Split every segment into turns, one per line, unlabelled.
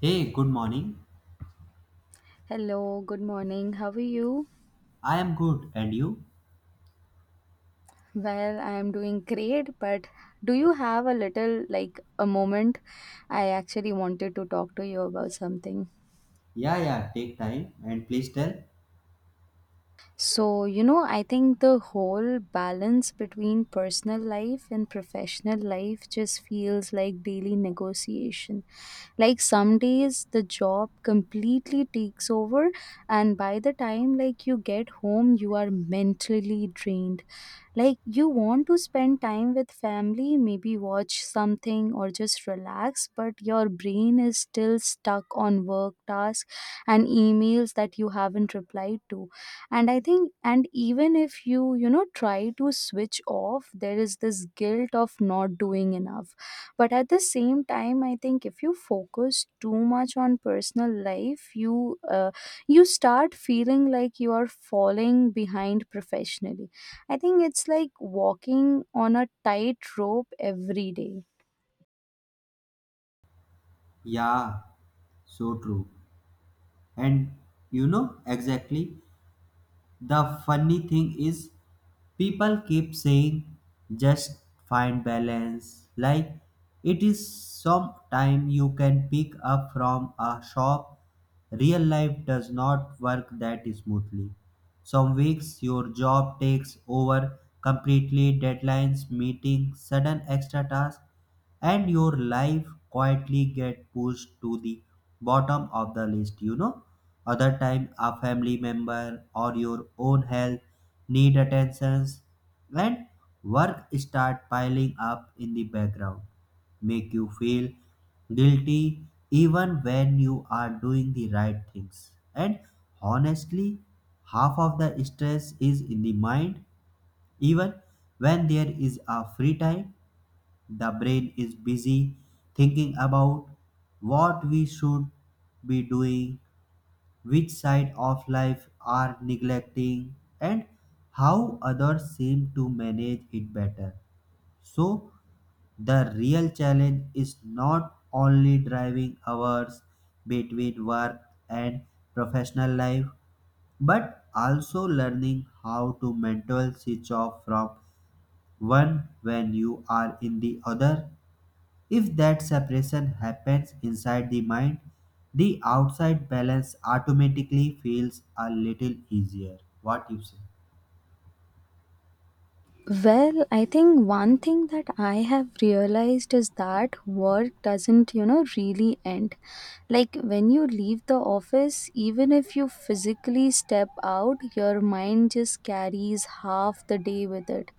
Hey, good morning.
Hello, good morning. How are you?
I am good, and you?
Well, I am doing great, but do you have a little like a moment? I actually wanted to talk to you about something.
Yeah, yeah, take time and please tell.
So, I think the whole balance between personal life and professional life just feels like daily negotiation. Like some days the job completely takes over, and by the time like you get home, you are mentally drained. Like you want to spend time with family, maybe watch something or just relax, but your brain is still stuck on work tasks and emails that you haven't replied to. And i think and even if you you know try to switch off, there is this guilt of not doing enough, but at the same time I think if you focus too much on personal life, you start feeling like you are falling behind professionally. I think it's like walking on a tightrope every day.
Yeah, so true. And you know exactly. The funny thing is, people keep saying just find balance, like it is some time you can pick up from a shop. Real life does not work that smoothly. Some weeks your job takes over completely, deadlines, meetings, sudden extra tasks, and your life quietly get pushed to the bottom of the list, you know. Other time a family member or your own health need attentions, and work start piling up in the background, make you feel guilty even when you are doing the right things. And honestly, half of the stress is in the mind. Even when there is a free time, the brain is busy thinking about what we should be doing, which side of life are neglecting, and how others seem to manage it better. So, the real challenge is not only driving hours between work and professional life, but also learning how to mental switch off from one when you are in the other. If that separation happens inside the mind, the outside balance automatically feels a little easier. What you say?
Well, I think one thing that I have realized is that work doesn't, you know, really end. Like when you leave the office, even if you physically step out, your mind just carries half the day with it.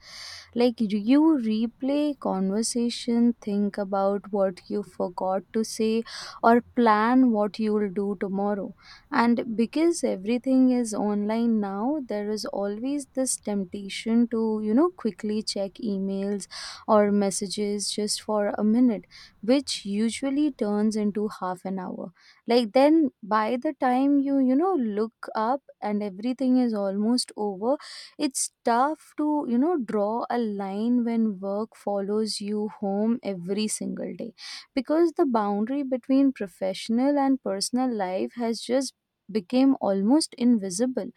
Like you replay conversation, think about what you forgot to say or plan what you'll do tomorrow. And because everything is online now, there is always this temptation to, you know, quickly check emails or messages just for a minute, which usually turns into half an hour. Like then by the time you you know look up, and everything is almost over. It's tough to, draw a line when work follows you home every single day, because the boundary between professional and personal life has just became almost invisible.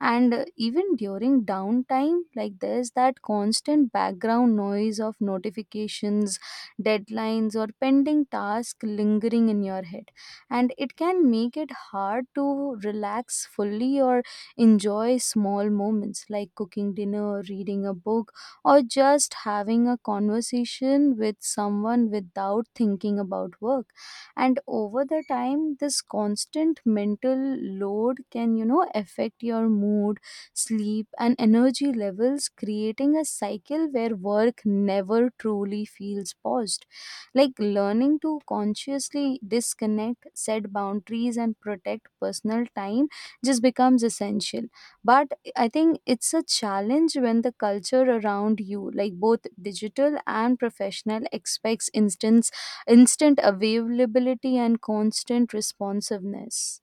And even during downtime, like there's that constant background noise of notifications, deadlines, or pending tasks lingering in your head, and it can make it hard to relax fully or enjoy small moments like cooking dinner, reading a book, or just having a conversation with someone without thinking about work. And over the time, this constant mental load can, affect your mood, sleep, and energy levels, creating a cycle where work never truly feels paused. Like learning to consciously disconnect, set boundaries, and protect personal time just becomes essential. But I think it's a challenge when the culture around you, like both digital and professional, expects instant availability and constant responsiveness.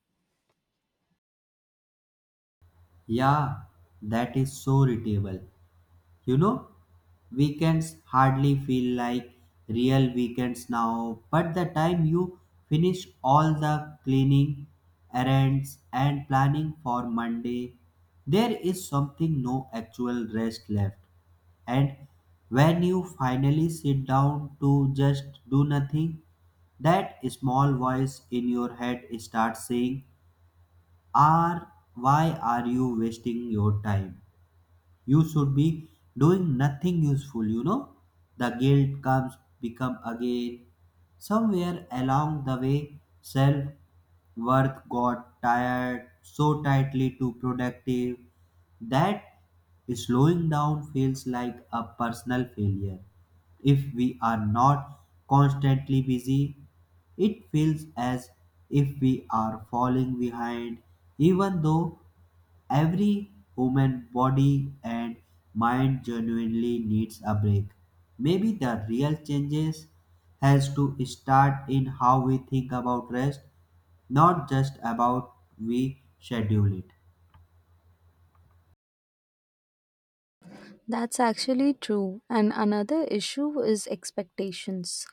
Yeah, that is so relatable. You know, weekends hardly feel like real weekends now, but the time you finish all the cleaning, errands, and planning for Monday, there is something no actual rest left. And when you finally sit down to just do nothing, that small voice in your head starts saying, are why are you wasting your time? You should be doing nothing useful, you know. The guilt comes become again somewhere along the way. Self worth got tired so tightly to productive that slowing down feels like a personal failure. If we are not constantly busy, it feels as if we are falling behind, even though every human body and mind genuinely needs a break. Maybe the real changes has to start in how we think about rest, not just about we schedule it.
That's actually true. And another issue is expectations.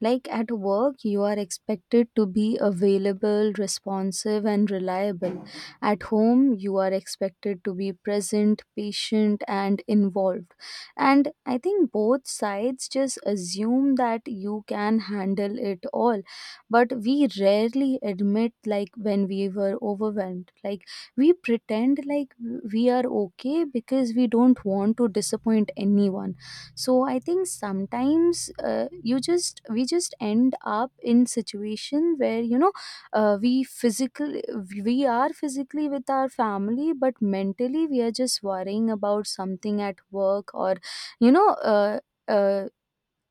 Like at work, you are expected to be available, responsive, and reliable. At home, you are expected to be present, patient, and involved. And I think both sides just assume that you can handle it all. But we rarely admit, like, when we were overwhelmed. Like, we pretend like we are okay because we don't want to disappoint anyone. So I think sometimes you just we just end up in situation where we physically we are physically with our family, but mentally we are just worrying about something at work, or you know uh, uh,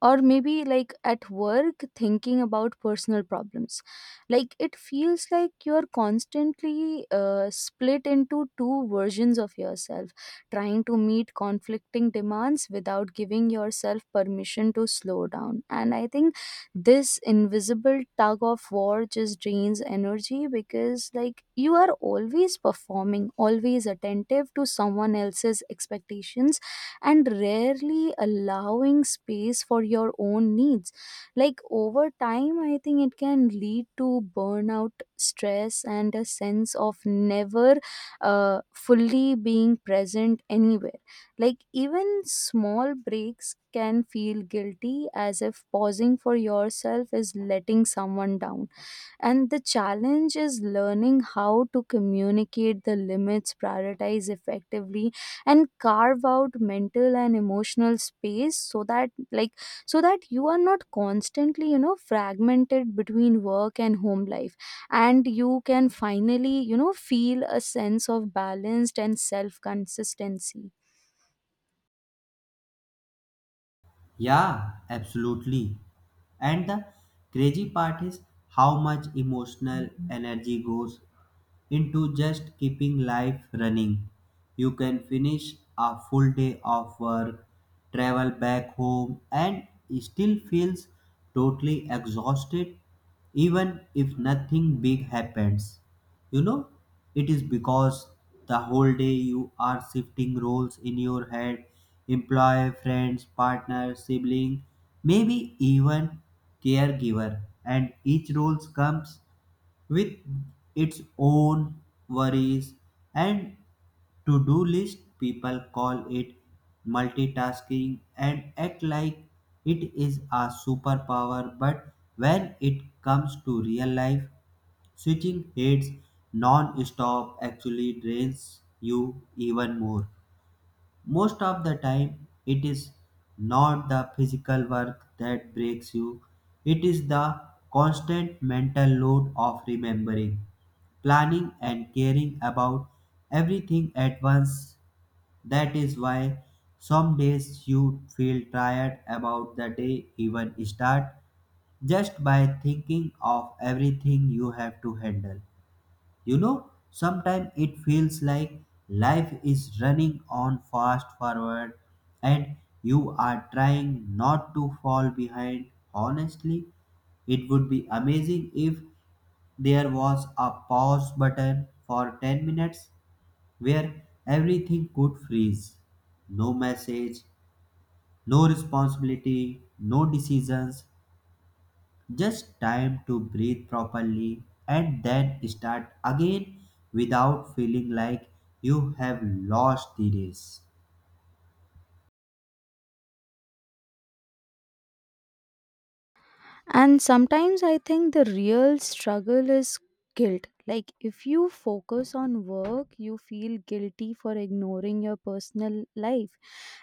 or maybe like at work thinking about personal problems. Like it feels like you're constantly split into two versions of yourself, trying to meet conflicting demands without giving yourself permission to slow down. And I think this invisible tug of war just drains energy, because like you are always performing, always attentive to someone else's expectations, and rarely allowing space for your own needs. Like over time, I think it can lead to burnout, stress, and a sense of never fully being present anywhere. Like even small breaks can feel guilty, as if pausing for yourself is letting someone down. And the challenge is learning how to communicate the limits, prioritize effectively, and carve out mental and emotional space so that you are not constantly, fragmented between work and home life. And you can finally, feel a sense of balanced and self consistency.
Yeah, absolutely. And the crazy part is how much emotional energy goes into just keeping life running. You can finish a full day of work, travel back home, and still feels totally exhausted even if nothing big happens. You know, it is because the whole day you are shifting roles in your head: employer, friends, partner, sibling, maybe even caregiver, and each role comes with its own worries and to do list. People call it multitasking and act like it is a superpower, but when it comes to real life, switching heads non stop actually drains you even more. Most of the time, it is not the physical work that breaks you, it is the constant mental load of remembering, planning and caring about everything at once. That is why some days you feel tired about the day even start, just by thinking of everything you have to handle. You know, sometimes it feels like life is running on fast forward and you are trying not to fall behind. Honestly, it would be amazing if there was a pause button for 10 minutes where everything could freeze. No message, no responsibility, no decisions, just time to breathe properly and then start again without feeling like you have lost the race.
And sometimes I think the real struggle is guilt. Like, if you focus on work, you feel guilty for ignoring your personal life.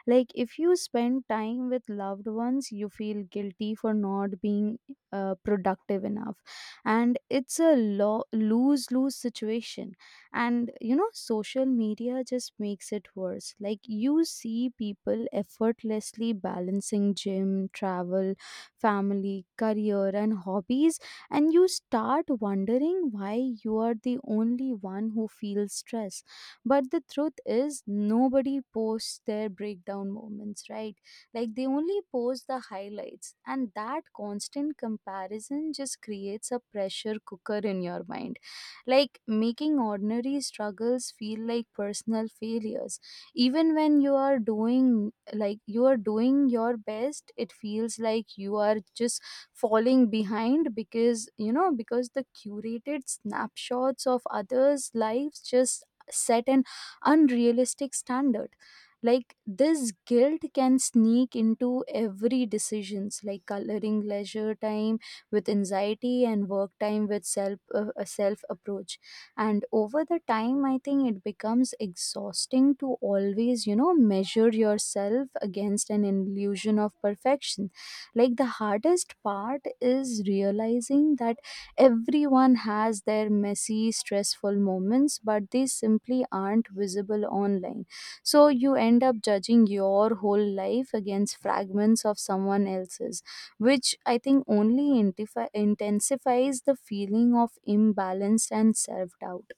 Like if you spend time with loved ones, you feel guilty for not being productive enough. And it's a lose lose situation. And you know, social media just makes it worse. Like you see people effortlessly balancing gym, travel, family, career, and hobbies, and you start wondering why you are the only one who feels stress. But the truth is, nobody posts their breakdown moments, right? Like they only post the highlights, and that constant comparison just creates a pressure cooker in your mind. Like making ordinary struggles feel like personal failures. Even when you are doing, like you are doing your best, it feels like you are just falling behind, because you know because the curated snapshots of others lives just set an unrealistic standard. Like this guilt can sneak into every decisions, like coloring leisure time with anxiety and work time with self a self approach. And over the time, I think it becomes exhausting to always, measure yourself against an illusion of perfection. Like the hardest part is realizing that everyone has their messy, stressful moments, but they simply aren't visible online. So you end up judging your whole life against fragments of someone else's, which I think only intensifies the feeling of imbalance and self doubt.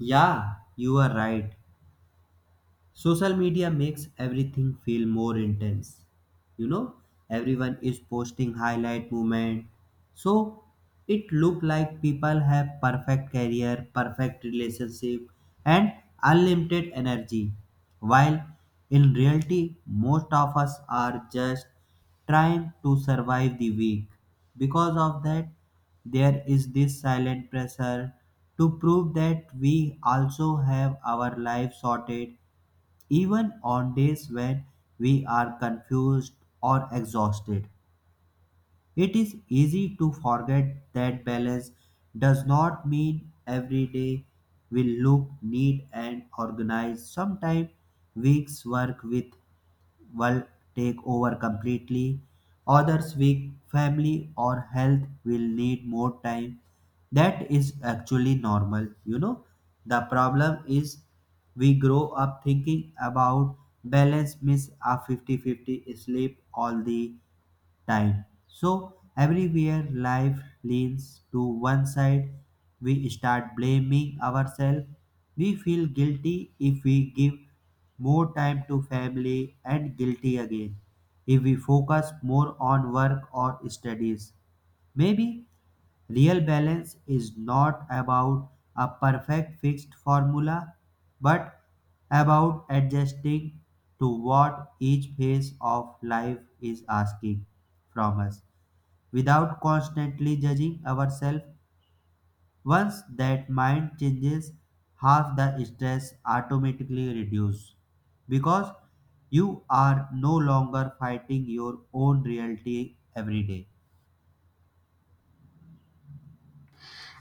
Yeah, you are right. Social media makes everything feel more intense. You know, everyone is posting highlight moment. So it look like people have perfect career, perfect relationship and unlimited energy. While in reality most of us are just trying to survive the week. Because of that, there is this silent pressure to prove that we also have our life sorted even on days when we are confused or exhausted. It is easy to forget that balance does not mean every day will look neat and organized. Sometimes weeks work with will take over completely. Others week family or health will need more time. That is actually normal. You know, the problem is we grow up thinking about balance means a fifty-fifty sleep all the time. So, everywhere life leans to one side, we start blaming ourselves. We feel guilty if we give more time to family and guilty again if we focus more on work or studies. Maybe real balance is not about a perfect fixed formula, but about adjusting to what each phase of life is asking from us without constantly judging ourselves. Once that mind changes, half the stress automatically reduces because you are no longer fighting your own reality every day.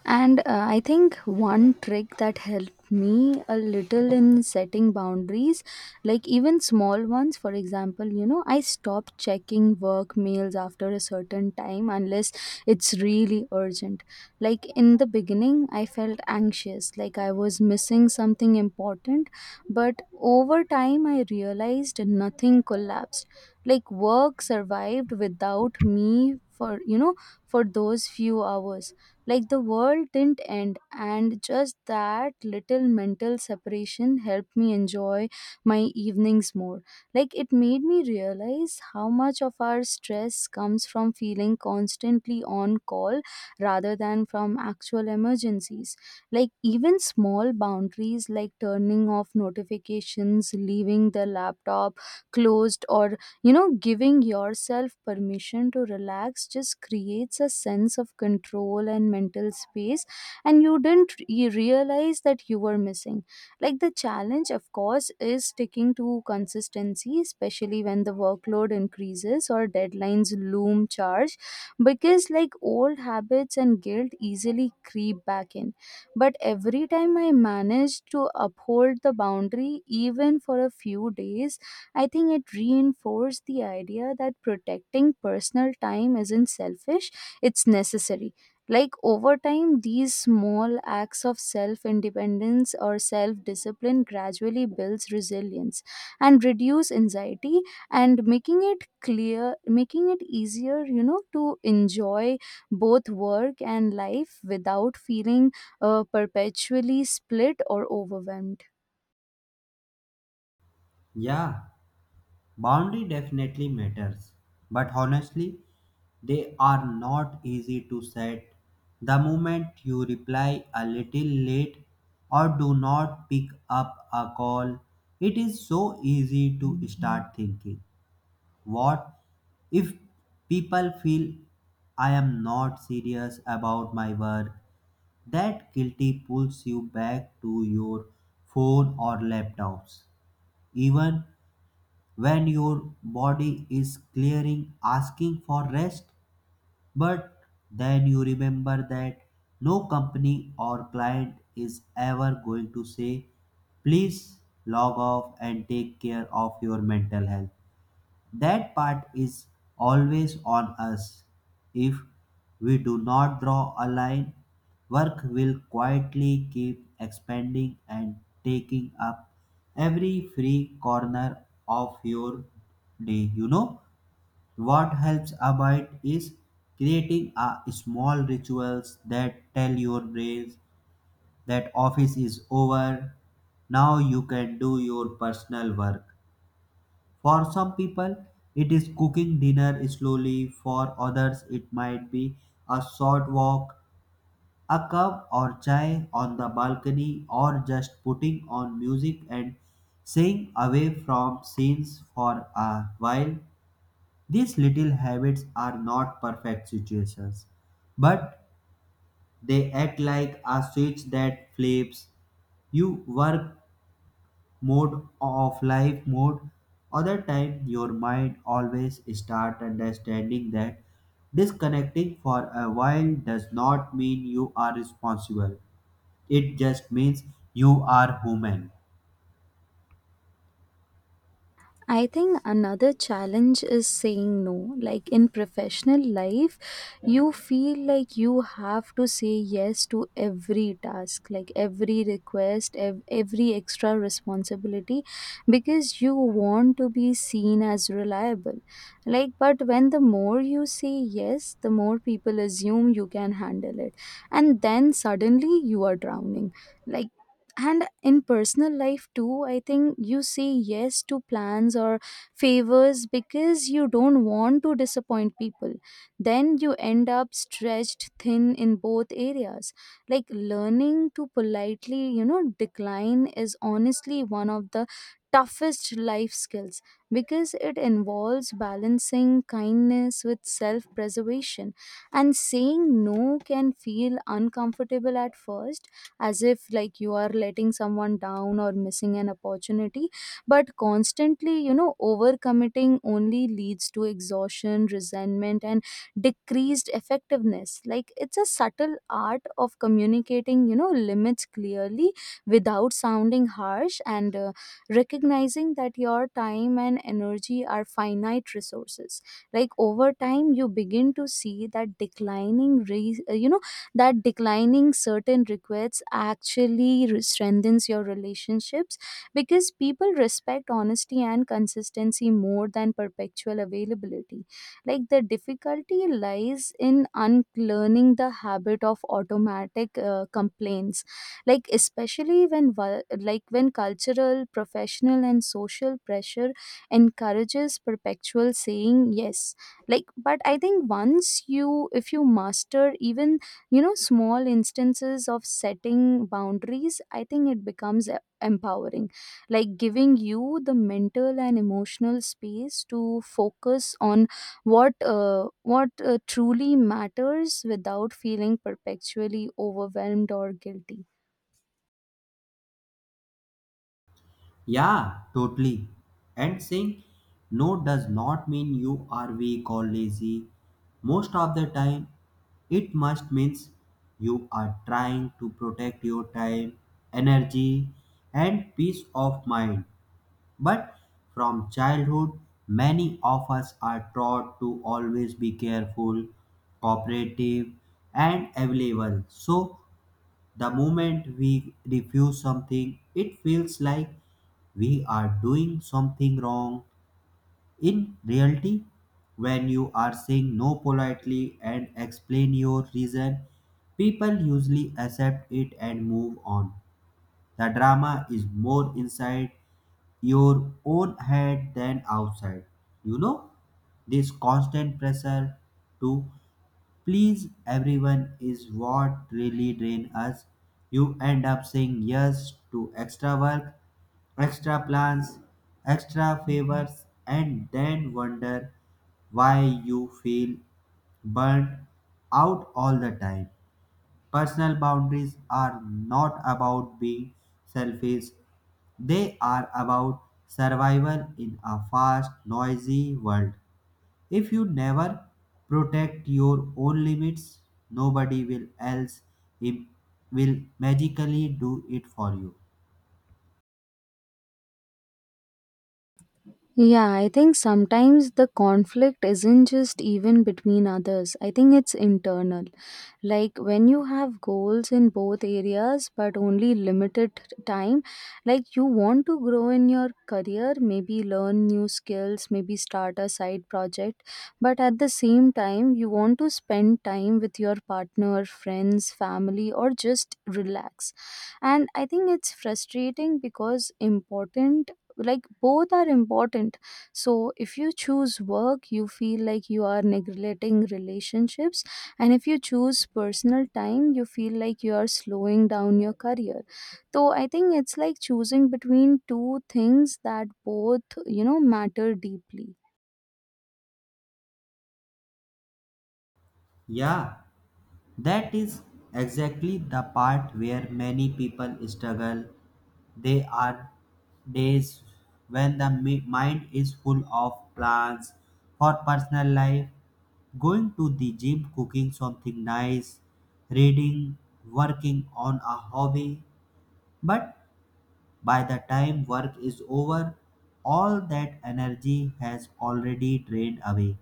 And I think one trick that helped me a little in setting boundaries, like even small ones, for example, you know, I stopped checking work mails after a certain time unless it's really urgent. Like in the beginning, I felt anxious, like I was missing something important, but over time, I realized nothing collapsed. Like work survived without me for, for those few hours. Like the world didn't end, and just that little mental separation helped me enjoy my evenings more. Like it made me realize how much of our stress comes from feeling constantly on call rather than from actual emergencies. Like even small boundaries, like turning off notifications, leaving the laptop closed, or, giving yourself permission to relax, just creates a sense of control and mental space, and you didn't realize that you were missing. Like, the challenge, of course, is sticking to consistency, especially when the workload increases or deadlines loom charge, because like old habits and guilt easily creep back in. But every time I manage to uphold the boundary, even for a few days, I think it reinforced the idea that protecting personal time isn't selfish, it's necessary. Like over time, these small acts of self independence or self discipline gradually builds resilience and reduce anxiety, and making it clear, making it easier, to enjoy both work and life without feeling perpetually split or overwhelmed.
Yeah, boundary definitely matters, but honestly, they are not easy to set. The moment you reply a little late or do not pick up a call, it is so easy to start thinking, what if people feel I am not serious about my work? That guilty pulls you back to your phone or laptops, even when your body is clearing asking for rest. But then you remember that no company or client is ever going to say please log off and take care of your mental health. That part is always on us. If we do not draw a line, work will quietly keep expanding and taking up every free corner of your day. You know what helps about is creating a small rituals that tell your brains that office is over. Now you can do your personal work. For some people, it is cooking dinner slowly, for others, it might be a short walk, a cup or chai on the balcony, or just putting on music and staying away from scenes for a while. These little habits are not perfect situations, but they act like a switch that flips. You work mode of life mode. Other time your mind always start understanding that disconnecting for a while does not mean you are responsible, it just means you are human.
I think another challenge is saying no. Like in professional life, you feel like you have to say yes to every task, like every request, every extra responsibility, because you want to be seen as reliable. Like, but when the more you say yes, the more people assume you can handle it. And then suddenly you are drowning. Like, and in personal life too, I think you say yes to plans or favors because you don't want to disappoint people, then you end up stretched thin in both areas. Like learning to politely, decline is honestly one of the toughest life skills, because it involves balancing kindness with self preservation. And saying no can feel uncomfortable at first, as if like you are letting someone down or missing an opportunity. But constantly, overcommitting only leads to exhaustion, resentment, and decreased effectiveness. Like it's a subtle art of communicating, limits clearly without sounding harsh, and recognizing that your time and energy are finite resources. Like over time you begin to see that declining certain requests actually strengthens your relationships, because people respect honesty and consistency more than perpetual availability. Like the difficulty lies in unlearning the habit of automatic complaints, like especially when when cultural, professional, and social pressure encourages perpetual saying yes. Like, but I think once you, if you master even, small instances of setting boundaries, I think it becomes empowering, like giving you the mental and emotional space to focus on what uh, what truly matters without feeling perpetually overwhelmed or guilty.
Yeah, totally. And saying no does not mean you are weak or lazy. Most of the time it must means you are trying to protect your time, energy and peace of mind. But from childhood, many of us are taught to always be careful, cooperative, and available. So, the moment we refuse something, it feels like we are doing something wrong. In reality, when you are saying no politely and explain your reason, people usually accept it and move on. The drama is more inside your own head than outside. You know, this constant pressure to please everyone is what really drain us. You end up saying yes to extra work, extra plans, extra favors, and then wonder why you feel burnt out all the time. Personal boundaries are not about being selfish, they are about survival in a fast, noisy world. If you never protect your own limits, nobody will else im- will magically do it for you.
Yeah, I think sometimes the conflict isn't just even between others, I think it's internal. Like when you have goals in both areas but only limited time. Like you want to grow in your career, maybe learn new skills, maybe start a side project, but at the same time you want to spend time with your partner, friends, family, or just relax. And I think it's frustrating because important like both are important. So if you choose work, you feel like you are neglecting relationships, and if you choose personal time, you feel like you are slowing down your career. So I think it's like choosing between two things that both, matter deeply.
Yeah, that is exactly the part where many people struggle. There are days when the mind is full of plans for personal life, going to the gym, cooking something nice, reading, working on a hobby. But by the time work is over, all that energy has already drained away.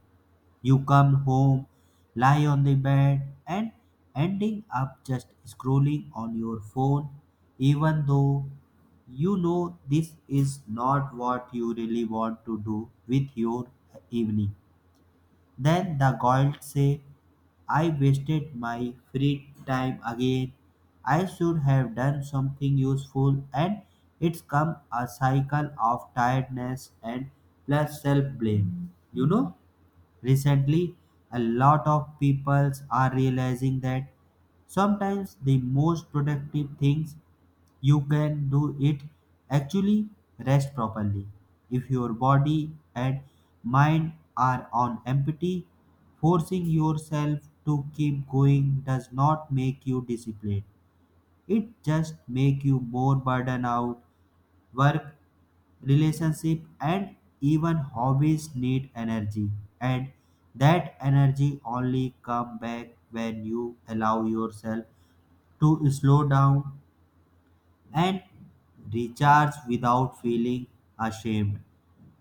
You come home, lie on the bed, and ending up just scrolling on your phone, even though you know this is not what you really want to do with your evening. Then the guilt say, I wasted my free time again. I should have done something useful, and it's come a cycle of tiredness and plus self blame. You know? Recently, a lot of people are realizing that sometimes the most productive things you can do it actually rest properly. If your body and mind are on empty, forcing yourself to keep going does not make you disciplined. It just make you more burden out. Work, relationship and even hobbies need energy, and that energy only come back when you allow yourself to slow down and recharge without feeling ashamed.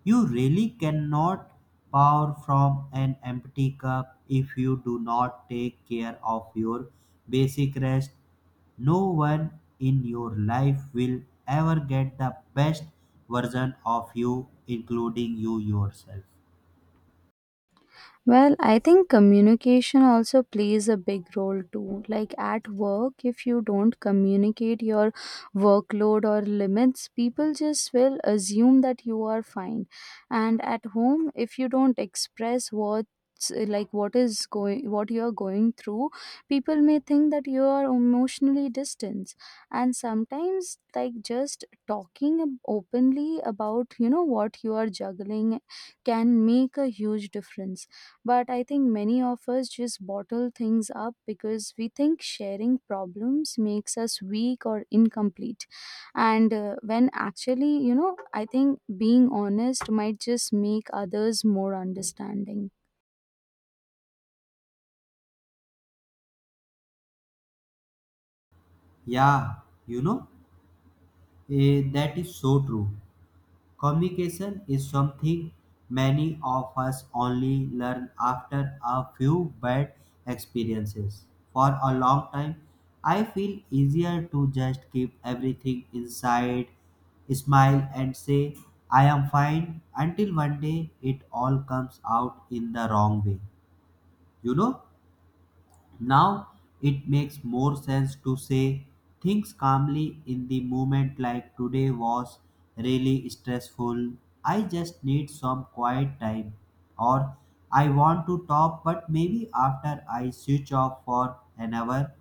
You really cannot pour from an empty cup if you do not take care of your basic rest. No one in your life will ever get the best version of you, including you yourself.
Well, I think communication also plays a big role too. Like at work, if you don't communicate your workload or limits, people just will assume that you are fine. And at home, if you don't express what like what is going what you are going through, people may think that you are emotionally distant. And sometimes, like just talking openly about, what you are juggling can make a huge difference. But I think many of us just bottle things up because we think sharing problems makes us weak or incomplete. And when actually, I think being honest might just make others more understanding.
Yeah, you know, that is so true. Communication is something many of us only learn after a few bad experiences. For a long time, I feel easier to just keep everything inside, smile, and say, I am fine, until one day it all comes out in the wrong way. You know? Now it makes more sense to say things calmly in the moment, like today was really stressful. I just need some quiet time. Or I want to talk, but maybe after I switch off for an hour.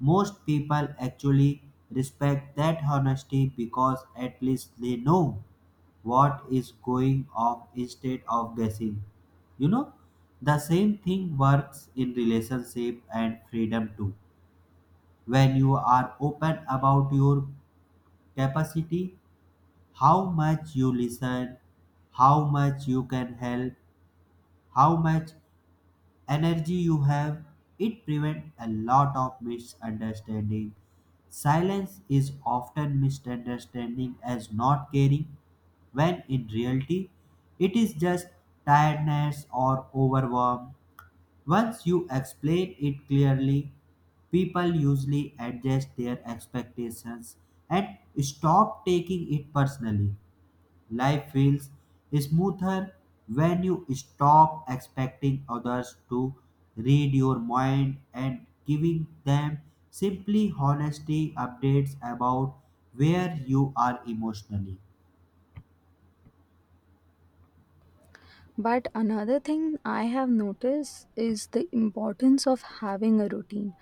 Most people actually respect that honesty because at least they know what is going off instead of guessing. You know, the same thing works in relationship and freedom too. When you are open about your capacity, how much you listen, how much you can help, how much energy you have, it prevents a lot of misunderstanding. Silence is often misunderstanding as not caring, when in reality, it is just tiredness or overwhelm. Once you explain it clearly, people usually adjust their expectations and stop taking it personally. Life feels smoother when you stop expecting others to read your mind and giving them simply honesty updates about where you are emotionally.
But another thing I have noticed is the importance of having a routine.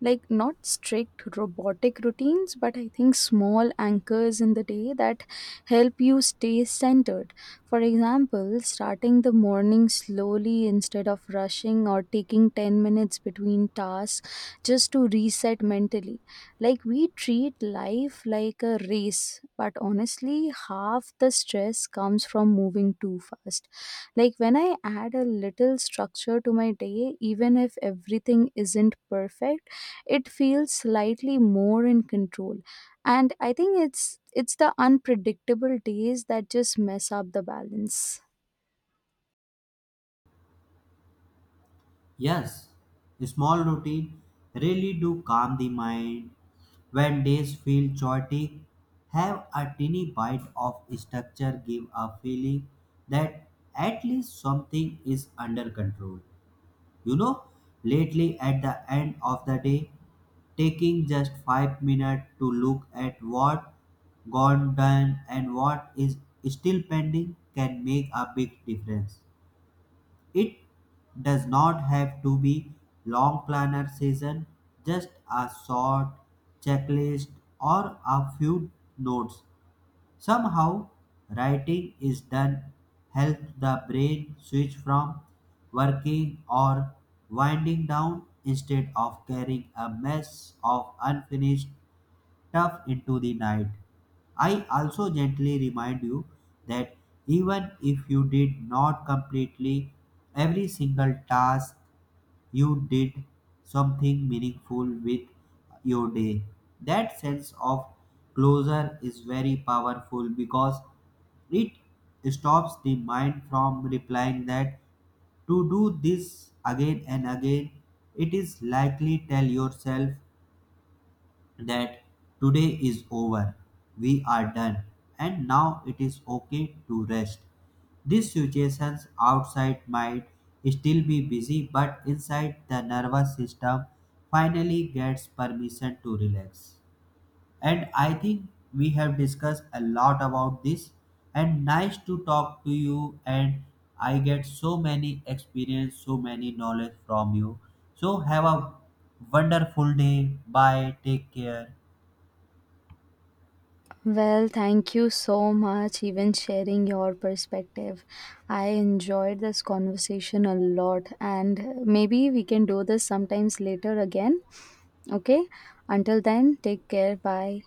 Like, not strict robotic routines, but I think small anchors in the day that help you stay centered. For example, starting the morning slowly instead of rushing, or taking 10 minutes between tasks just to reset mentally. Like, we treat life like a race, but honestly, half the stress comes from moving too fast. Like when I add a little structure to my day, even if everything isn't perfect, it feels slightly more in control. And I think it's the unpredictable days that just mess up the balance.
Yes, small routine really do calm the mind. When days feel chaotic, have a tiny bite of structure give a feeling that at least something is under control. You know, lately at the end of the day, taking just 5 minutes to look at what gone done and what is still pending can make a big difference. It does not have to be long planner session, just a short checklist or a few notes. Somehow, writing is done helps the brain switch from working or winding down instead of carrying a mess of unfinished stuff into the night. I also gently remind you that even if you did not completely every single task, you did something meaningful with your day. That sense of closure is very powerful because it stops the mind from replying that to do this again and again. It is likely tell yourself that today is over, we are done, and now it is okay to rest. These situations outside might still be busy, but inside the nervous system finally gets permission to relax. And I think we have discussed a lot about this, and nice to talk to you. And I get so many experience, so many knowledge from you. So, have a wonderful day. Bye. Take care.
Well, thank you so much even sharing your perspective. I enjoyed this conversation a lot, and maybe we can do this sometimes later again. Okay? Until then, take care. Bye.